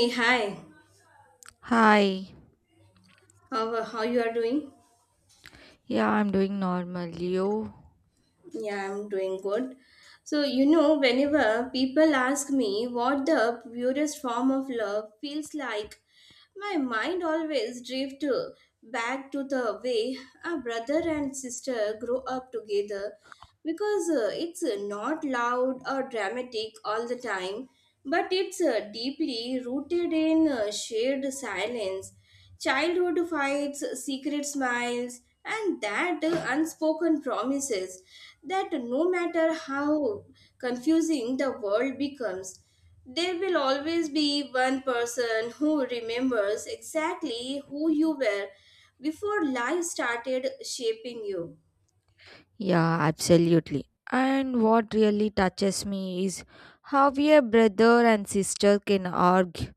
Hey, hi. Hi. How you are doing? Yeah, I'm doing normal. You? Yeah, I'm doing good. So you know, whenever people ask me what the purest form of love feels like, my mind always drifts back to the way a brother and sister grow up together, because it's not loud or dramatic all the time, but it's deeply rooted in shared silence. Childhood fights, secret smiles, and that unspoken promises that no matter how confusing the world becomes, there will always be one person who remembers exactly who you were before life started shaping you. Yeah, absolutely. And what really touches me is how a brother and sister can argue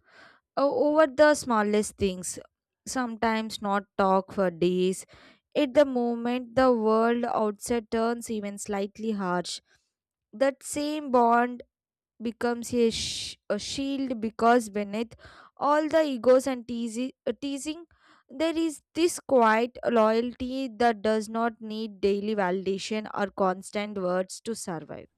over the smallest things, sometimes not talk for days. At the moment, the world outside turns even slightly harsh. That same bond becomes a shield because beneath all the egos and teasing, there is this quiet loyalty that does not need daily validation or constant words to survive.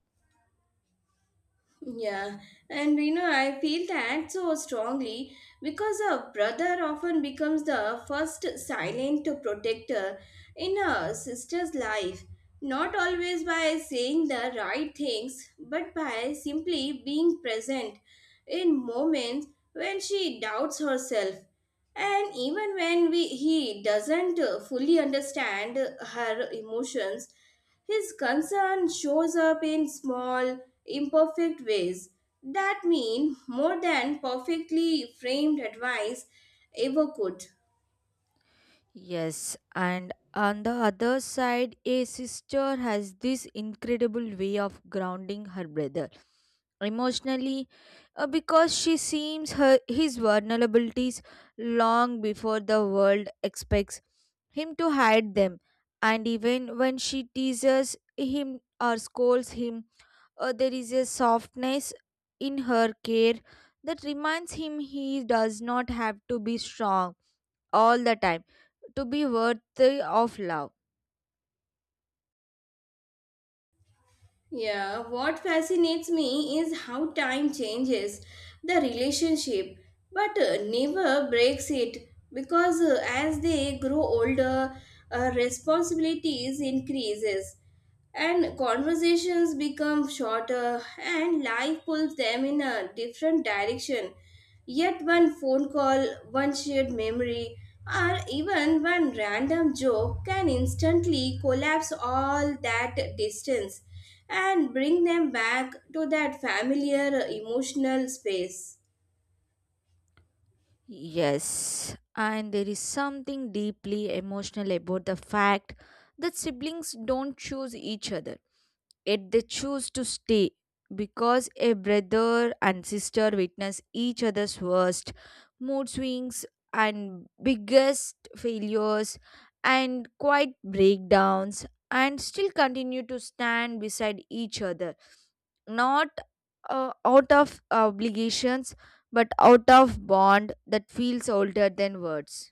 Yeah, and you know, I feel that so strongly because a brother often becomes the first silent protector in a sister's life, not always by saying the right things, but by simply being present in moments when she doubts herself. And even when he doesn't fully understand her emotions, his concern shows up in small, imperfect ways that mean more than perfectly framed advice ever could. Yes, and on the other side, a sister has this incredible way of grounding her brother emotionally because she sees her his vulnerabilities long before the world expects him to hide them, and even when she teases him or scolds him, there is a softness in her care that reminds him he does not have to be strong all the time to be worthy of love. Yeah, what fascinates me is how time changes the relationship but never breaks it because as they grow older, responsibilities increases and conversations become shorter and life pulls them in a different direction, yet one phone call, one shared memory, or even one random joke can instantly collapse all that distance and bring them back to that familiar emotional space. Yes, and there is something deeply emotional about the fact that siblings don't choose each other, yet they choose to stay, because a brother and sister witness each other's worst mood swings and biggest failures and quiet breakdowns and still continue to stand beside each other, not out of obligations but out of bond that feels older than words.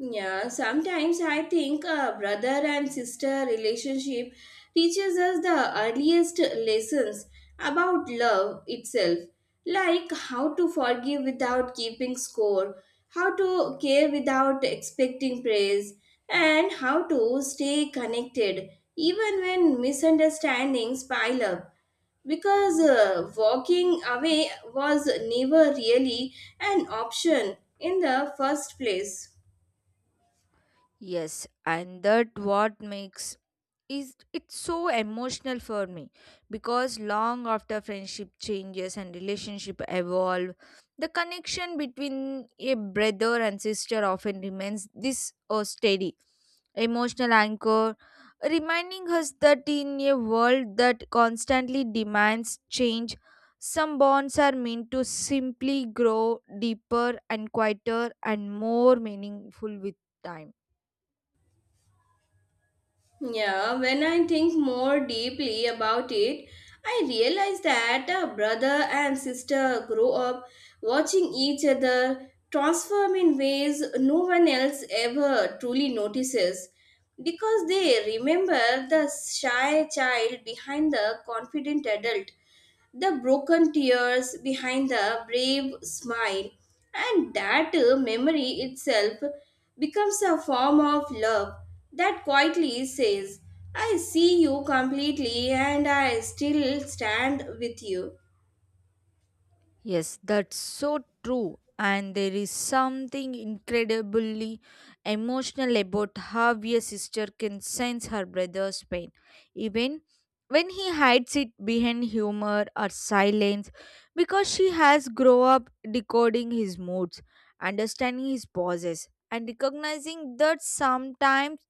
Yeah, sometimes I think a brother and sister relationship teaches us the earliest lessons about love itself, like how to forgive without keeping score, how to care without expecting praise, and how to stay connected even when misunderstandings pile up. Because walking away was never really an option in the first place. Yes, and that what makes is it's so emotional for me, because long after friendship changes and relationship evolve, the connection between a brother and sister often remains this or steady emotional anchor, reminding us that in a world that constantly demands change, some bonds are meant to simply grow deeper and quieter and more meaningful with time. Yeah, when I think more deeply about it, I realize that a brother and sister grow up watching each other transform in ways no one else ever truly notices because they remember the shy child behind the confident adult, the broken tears behind the brave smile, and that memory itself becomes a form of love that quietly says, I see you completely and I still stand with you. Yes, that's so true. And there is something incredibly emotional about how a sister can sense her brother's pain, even when he hides it behind humor or silence, because she has grown up decoding his moods, understanding his pauses, and recognizing that sometimes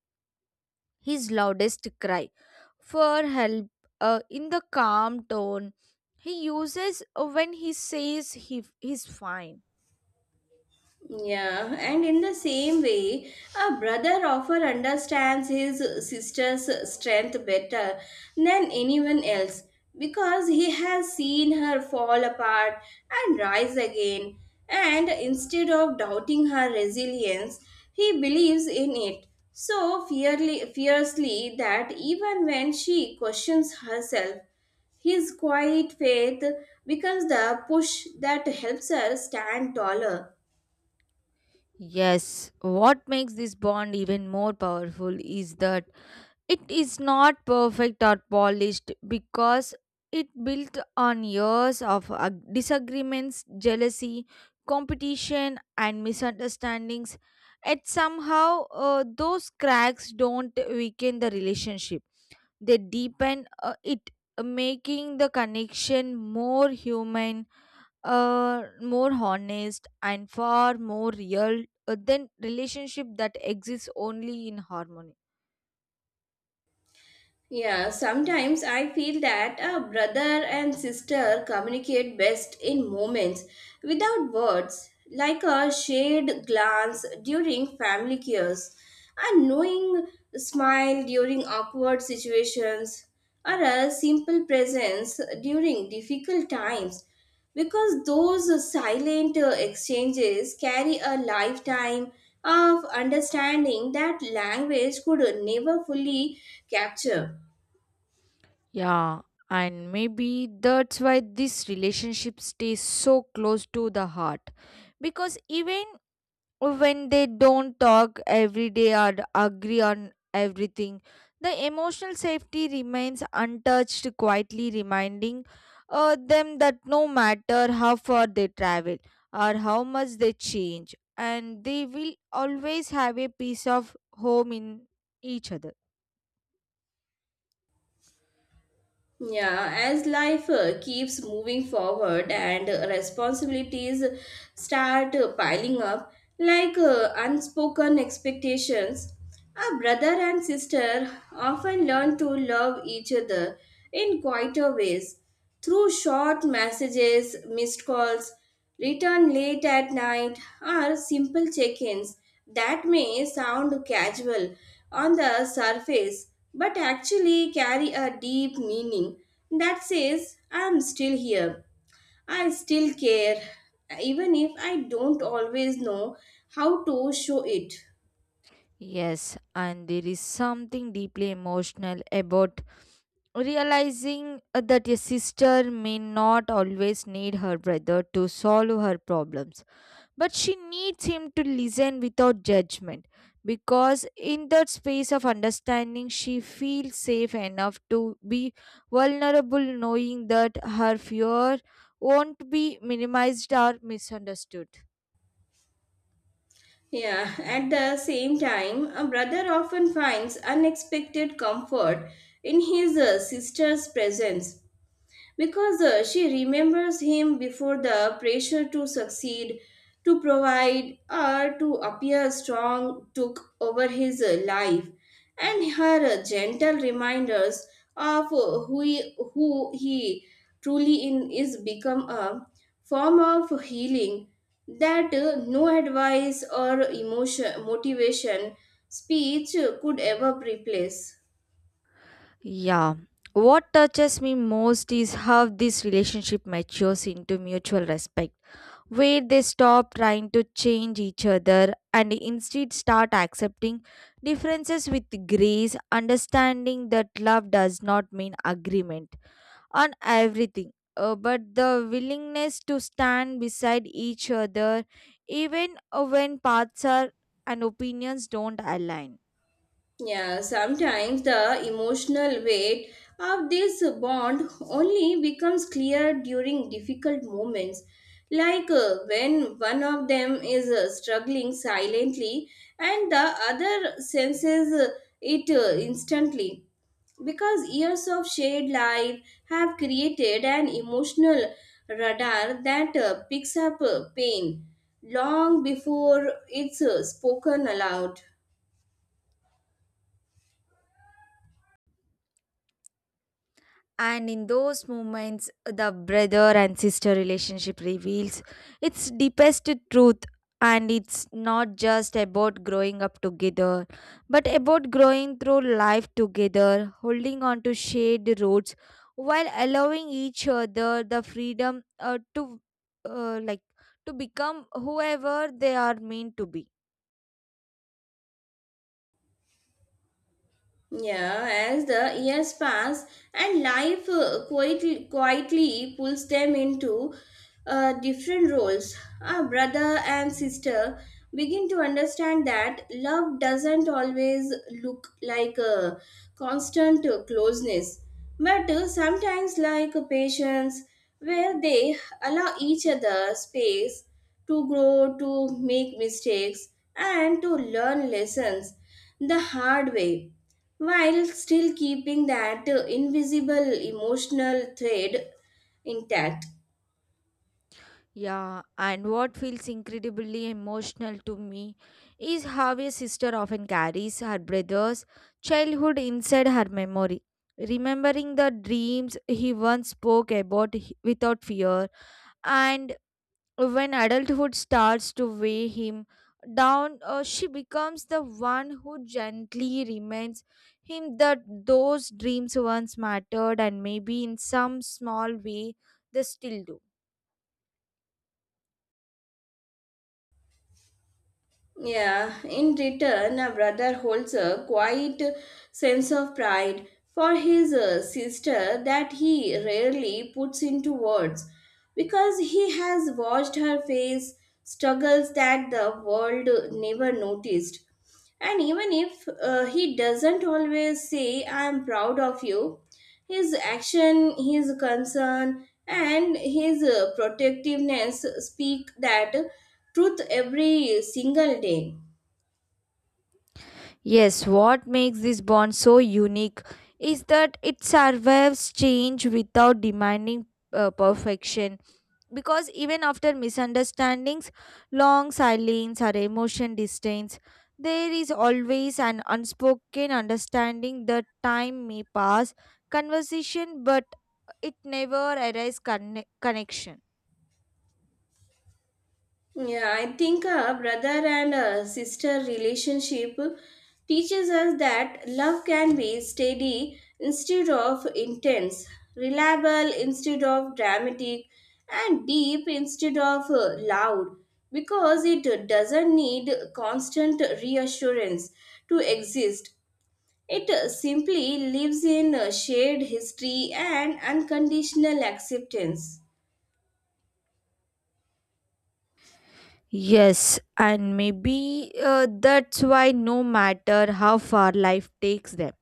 his loudest cry for help, in the calm tone he uses when he says he's fine. Yeah, and in the same way, a brother often understands his sister's strength better than anyone else because he has seen her fall apart and rise again. And instead of doubting her resilience, he believes in it so fiercely that even when she questions herself, his quiet faith becomes the push that helps her stand taller. Yes, what makes this bond even more powerful is that it is not perfect or polished, because it built on years of disagreements, jealousy, competition, and misunderstandings. Yet somehow, those cracks don't weaken the relationship. They deepen it, making the connection more human, more honest and far more real, than relationship that exists only in harmony. Yeah, sometimes I feel that a brother and sister communicate best in moments without words, like a shared glance during family cares, a knowing smile during awkward situations, or a simple presence during difficult times. Because those silent exchanges carry a lifetime of understanding that language could never fully capture. Yeah, and maybe that's why this relationship stays so close to the heart, because even when they don't talk every day or agree on everything, the emotional safety remains untouched, quietly reminding them that no matter how far they travel or how much they change, and they will always have a piece of home in each other. Yeah, as life keeps moving forward and responsibilities start piling up like unspoken expectations, a brother and sister often learn to love each other in quieter ways through short messages, missed calls, return late at night, or simple check ins that may sound casual on the surface but actually carry a deep meaning that says, I'm still here, I still care, even if I don't always know how to show it. Yes, and there is something deeply emotional about realizing that a sister may not always need her brother to solve her problems, but she needs him to listen without judgment, because in that space of understanding she feels safe enough to be vulnerable, knowing that her fear won't be minimized or misunderstood. Yeah, at the same time, a brother often finds unexpected comfort in his sister's presence because she remembers him before the pressure to succeed, to provide, or to appear strong took over his life, and her gentle reminders of who he truly in is become a form of healing that no advice or emotion motivation speech could ever replace. Yeah. What touches me most is how this relationship matures into mutual respect, where they stop trying to change each other and instead start accepting differences with grace, understanding that love does not mean agreement on everything, but the willingness to stand beside each other even when paths are and opinions don't align. Yeah, sometimes the emotional weight of this bond only becomes clear during difficult moments, like when one of them is struggling silently and the other senses it instantly. Because years of shared life have created an emotional radar that picks up pain long before it's spoken aloud. And in those moments the brother and sister relationship reveals its deepest truth, and it's not just about growing up together but about growing through life together, holding on to shared roots while allowing each other the freedom uh, like to become whoever they are meant to be. Yeah, as the years pass and life quietly pulls them into different roles, our brother and sister begin to understand that love doesn't always look like a constant closeness, but sometimes like a patience, where they allow each other space to grow, to make mistakes, and to learn lessons the hard way while still keeping that invisible emotional thread intact. Yeah, and what feels incredibly emotional to me is how a sister often carries her brother's childhood inside her memory, remembering the dreams he once spoke about without fear. And when adulthood starts to weigh him down, she becomes the one who gently reminds him that those dreams once mattered, and maybe in some small way they still do. Yeah, in return, a brother holds a quiet sense of pride for his sister that he rarely puts into words, because he has watched her face struggles that the world never noticed. And even if he doesn't always say, I am proud of you, his action, his concern, and his protectiveness speak that truth every single day. Yes, what makes this bond so unique is that it survives change without demanding perfection. Because even after misunderstandings, long silence, or emotion distance, there is always an unspoken understanding that time may pass, conversation, but it never arrives connection. Yeah, I think a brother and a sister relationship teaches us that love can be steady instead of intense, reliable instead of dramatic, and deep instead of loud because it doesn't need constant reassurance to exist. It simply lives in shared history and unconditional acceptance. Yes, and maybe that's why no matter how far life takes them,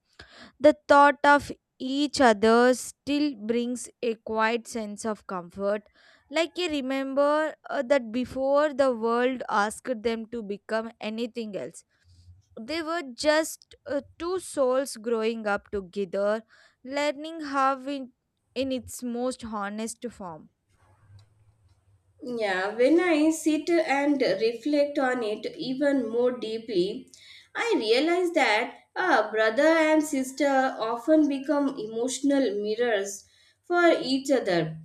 the thought of each other still brings a quiet sense of comfort, like you remember that before the world asked them to become anything else, they were just two souls growing up together, learning how in its most honest form. Yeah, when I sit and reflect on it even more deeply, I realize that a brother and sister often become emotional mirrors for each other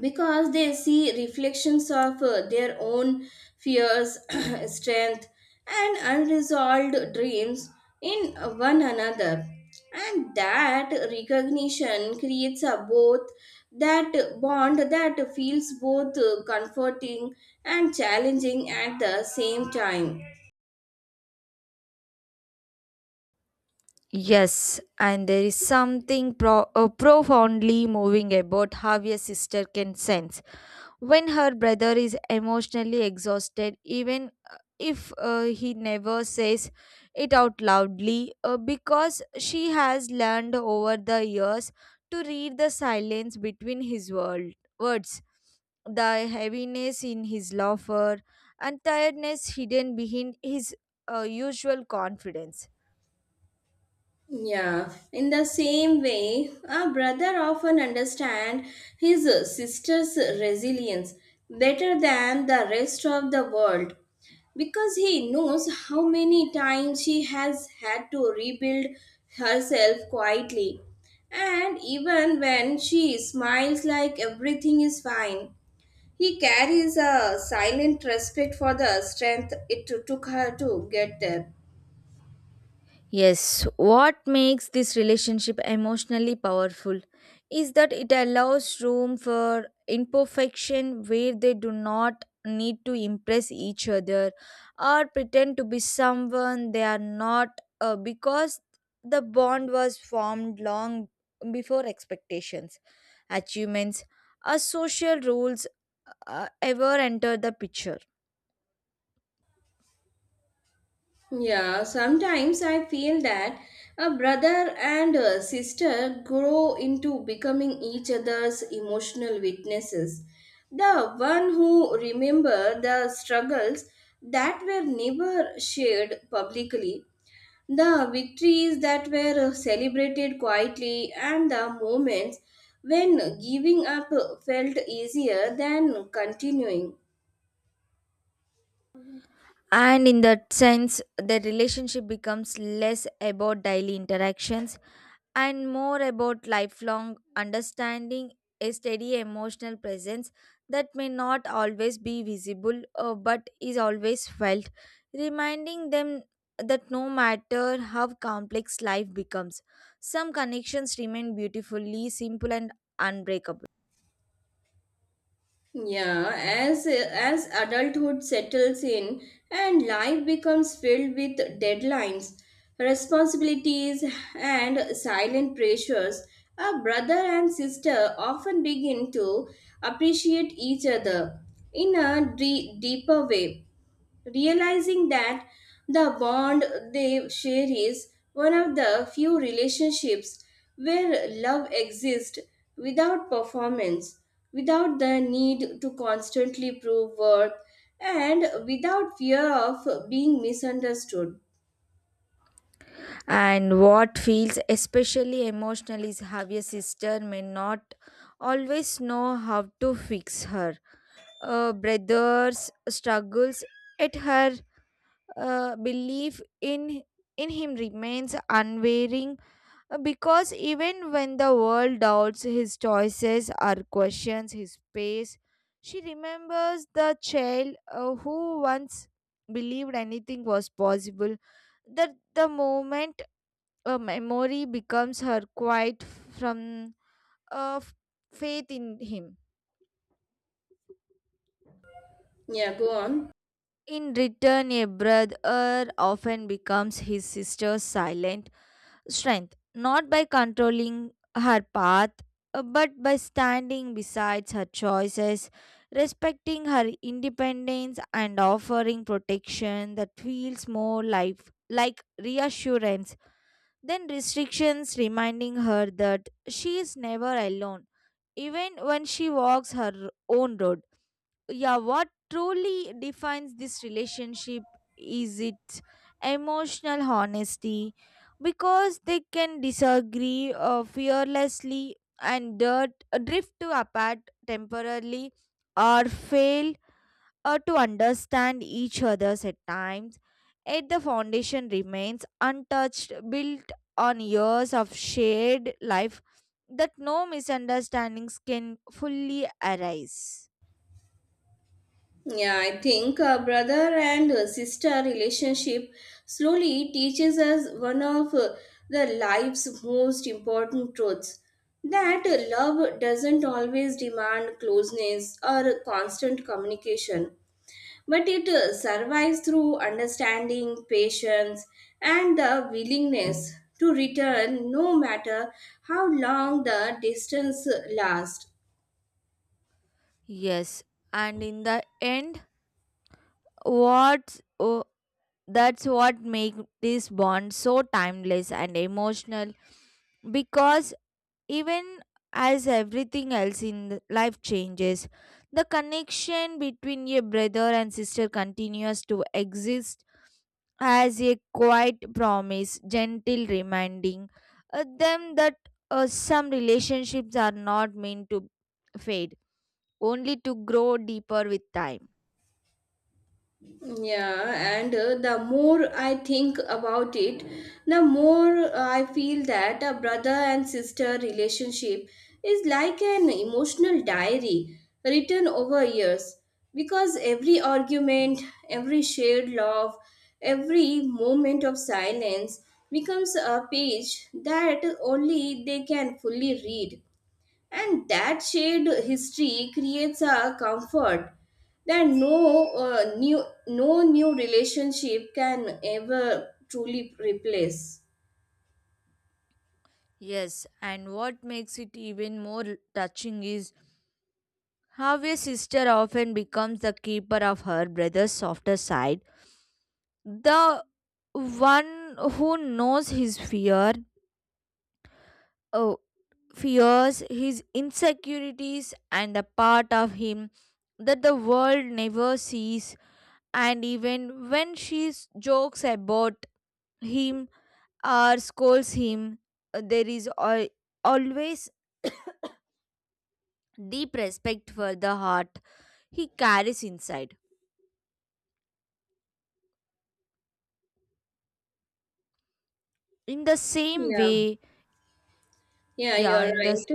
because they see reflections of their own fears, strength, and unresolved dreams in one another. And that recognition creates a both that bond that feels both comforting and challenging at the same time. Yes, and there is something profoundly moving about how a sister can sense when her brother is emotionally exhausted, even if he never says it out loudly, because she has learned over the years to read the silence between his words, the heaviness in his laughter and tiredness hidden behind his usual confidence. Yeah, in the same way, a brother often understands his sister's resilience better than the rest of the world because he knows how many times she has had to rebuild herself quietly. And even when she smiles like everything is fine, he carries a silent respect for the strength it took her to get there. Yes, what makes this relationship emotionally powerful is that it allows room for imperfection, where they do not need to impress each other or pretend to be someone they are not, because the bond was formed long before expectations, achievements, or social rules ever enter the picture. Yeah, sometimes I feel that a brother and a sister grow into becoming each other's emotional witnesses. The one who remember the struggles that were never shared publicly, the victories that were celebrated quietly, and the moments when giving up felt easier than continuing. And in that sense the relationship becomes less about daily interactions and more about lifelong understanding, a steady emotional presence that may not always be visible, but is always felt, reminding them that no matter how complex life becomes, some connections remain beautifully simple and unbreakable. Yeah, as adulthood settles in and life becomes filled with deadlines, responsibilities, and silent pressures, a brother and sister often begin to appreciate each other in a deeper way, realizing that the bond they share is one of the few relationships where love exists without performance, without the need to constantly prove worth, and without fear of being misunderstood. And what feels especially emotional is how your sister may not always know how to fix her. Brother's struggles at her belief in him remains unwavering, because even when the world doubts his choices or questions his pace, she remembers the child who once believed anything was possible, that the moment a memory becomes her quiet from a faith in him. Yeah, go on. In return, a brother often becomes his sister's silent strength, not by controlling her path, but by standing beside her choices, respecting her independence, and offering protection that feels more life like reassurance than restrictions, reminding her that she is never alone, even when she walks her own road. Yeah, what truly defines this relationship is its emotional honesty, because they can disagree fearlessly and drift to apart temporarily or fail to understand each other's at times, yet the foundation remains untouched, built on years of shared life that no misunderstandings can fully arise. Yeah, I think a brother and sister relationship slowly teaches us one of the life's most important truths, that love doesn't always demand closeness or constant communication, but it survives through understanding, patience, and the willingness to return no matter how long the distance lasts. Yes, and in the end, what's oh, that's what makes this bond so timeless and emotional, because even as everything else in life changes, the connection between a brother and sister continues to exist as a quiet promise, gentle reminding them that some relationships are not meant to fade, only to grow deeper with time. Yeah, and the more I think about it, the more I feel that a brother and sister relationship is like an emotional diary written over years because every argument, every shared love, every moment of silence becomes a page that only they can fully read, and that shared history creates a comfort that no new no new relationship can ever truly replace. Yes, and what makes it even more touching is how a sister often becomes the keeper of her brother's softer side, the one who knows his uh, fears, his insecurities and the part of him that the world never sees, and even when she jokes about him or scolds him, there is always deep respect for the heart he carries inside, in the same yeah way. yeah Yeah, you're in the. right.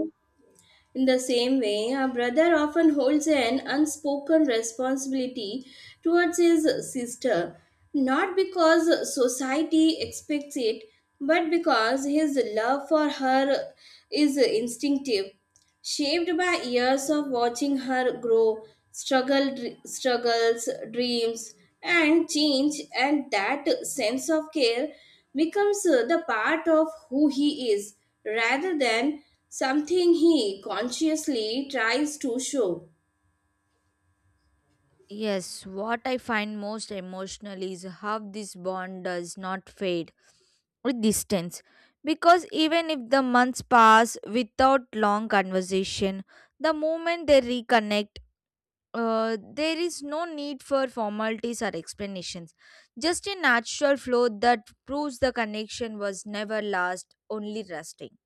In the same way, a brother often holds an unspoken responsibility towards his sister, not because society expects it, but because his love for her is instinctive, shaped by years of watching her grow, struggles, dreams, and change, and that sense of care becomes the part of who he is rather than something he consciously tries to show. Yes, what I find most emotional is how this bond does not fade with distance. Because even if the months pass without long conversation, the moment they reconnect, there is no need for formalities or explanations. Just a natural flow that proves the connection was never lost, only rusting.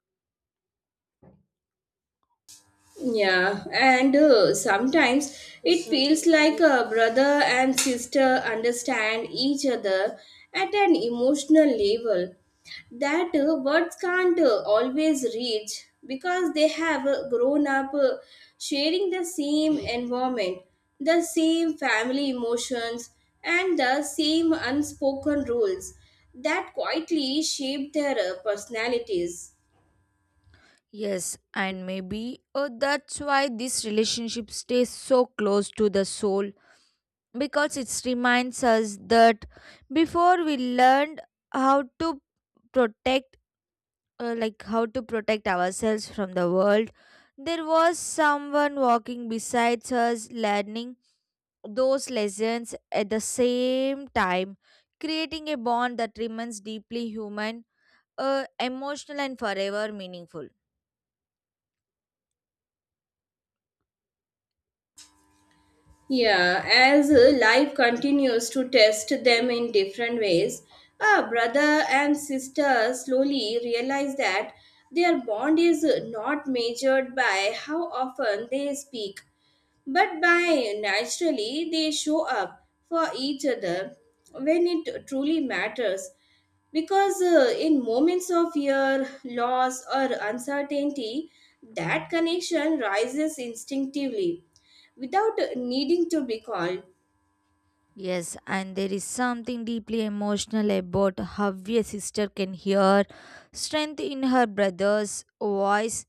Yeah, and sometimes it feels like a brother and sister understand each other at an emotional level that words can't always reach because they have grown up sharing the same environment, the same family emotions, and the same unspoken rules that quietly shape their personalities. Yes, and maybe that's why this relationship stays so close to the soul, because it reminds us that before we learned how to protect, how to protect ourselves from the world, there was someone walking besides us, learning those lessons at the same time, creating a bond that remains deeply human, emotional, and forever meaningful. Yeah, as life continues to test them in different ways, a brother and sister slowly realize that their bond is not measured by how often they speak but by naturally, they show up for each other when it truly matters. Because in moments of fear, loss, or uncertainty, that connection rises instinctively without needing to be called. Yes, and there is something deeply emotional about how a sister can hear strength in her brother's voice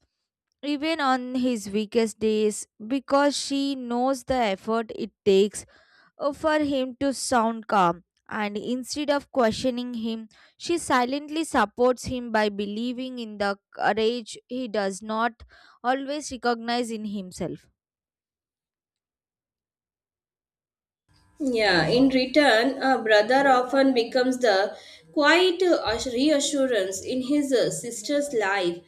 even on his weakest days, because she knows the effort it takes for him to sound calm. And instead of questioning him, she silently supports him by believing in the courage he does not always recognize in himself. Yeah, in return, a brother often becomes the reassurance in his sister's life,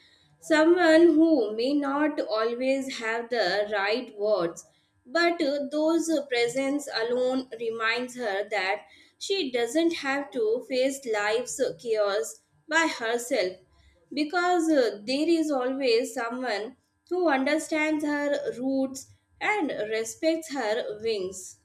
someone who may not always have the right words, but those presence alone reminds her that she doesn't have to face life's chaos by herself, because there is always someone who understands her roots and respects her wings.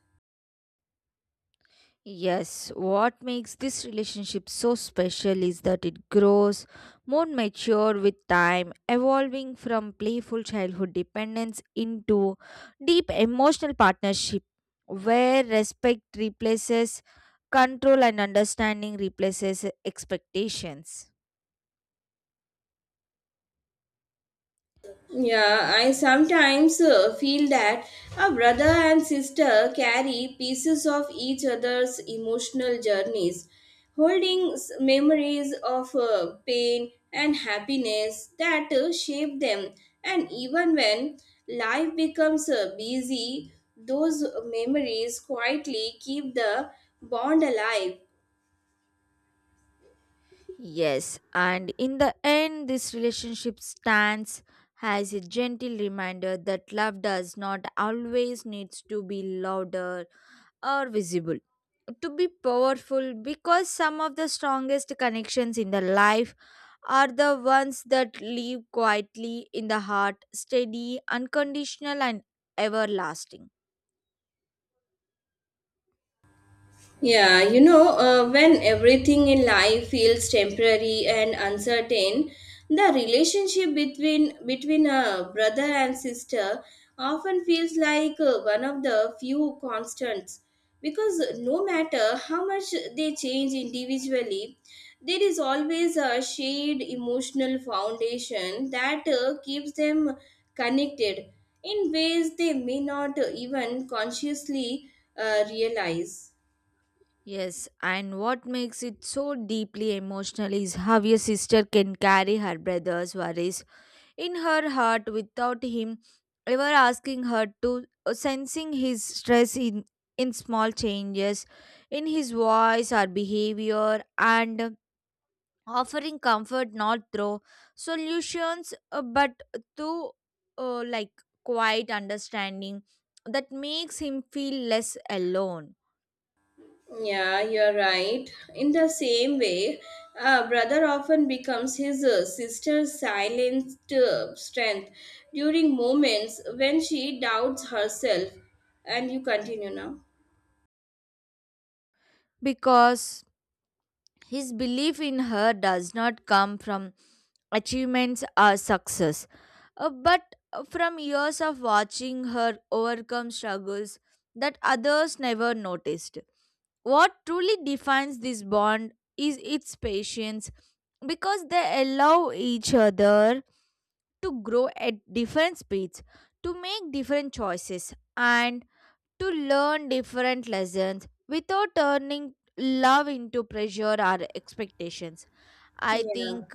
Yes, what makes this relationship so special is that it grows more mature with time, evolving from playful childhood dependence into deep emotional partnership, where respect replaces control and understanding replaces expectations. Yeah, I sometimes feel that a brother and sister carry pieces of each other's emotional journeys, holding memories of pain and happiness that shape them. And even when life becomes busy, those memories quietly keep the bond alive. Yes, and in the end, this relationship stands as a gentle reminder that love does not always needs to be louder or visible to be powerful, because some of the strongest connections in the life are the ones that live quietly in the heart, steady, unconditional, and everlasting. Yeah, you know, when everything in life feels temporary and uncertain, the relationship between a brother and sister often feels like one of the few constants because no matter how much they change individually, there is always a shared emotional foundation that keeps them connected in ways they may not even consciously realize. Yes, and what makes it so deeply emotional is how a sister can carry her brother's worries in her heart without him ever asking her to, sensing his stress in small changes in his voice or behavior, and offering comfort not through solutions, but through uh, like quiet understanding that makes him feel less alone. Yeah, you're right. In the same way, a brother often becomes his sister's silent strength during moments when she doubts herself. And you continue now. Because his belief in her does not come from achievements or success, but from years of watching her overcome struggles that others never noticed. What truly defines this bond is its patience, because they allow each other to grow at different speeds, to make different choices, and to learn different lessons without turning love into pressure or expectations. I Yeah. think,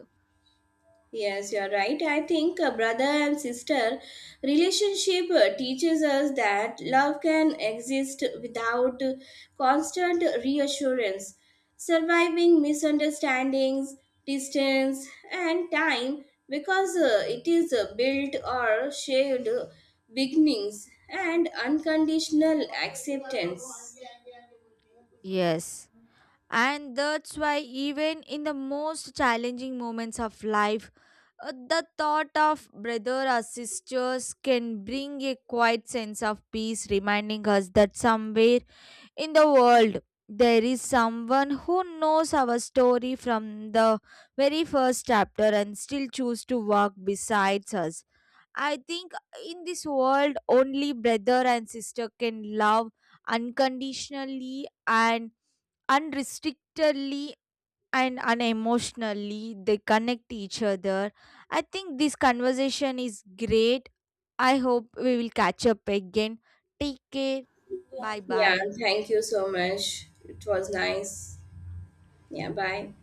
Yes, you are right. I think a brother and sister relationship teaches us that love can exist without constant reassurance. Surviving misunderstandings, distance, and time because it is built or shared beginnings and unconditional acceptance. yes. And that's why, even in the most challenging moments of life, the thought of brother or sisters can bring a quiet sense of peace, reminding us that somewhere in the world there is someone who knows our story from the very first chapter and still choose to walk besides us. I think in this world, only brother and sister can love unconditionally and unrestrictedly and unemotionally. They connect each other. I think this conversation is great. I hope we will catch up again. Take care. Bye Yeah, bye. thank you so much. It was nice. Yeah, bye.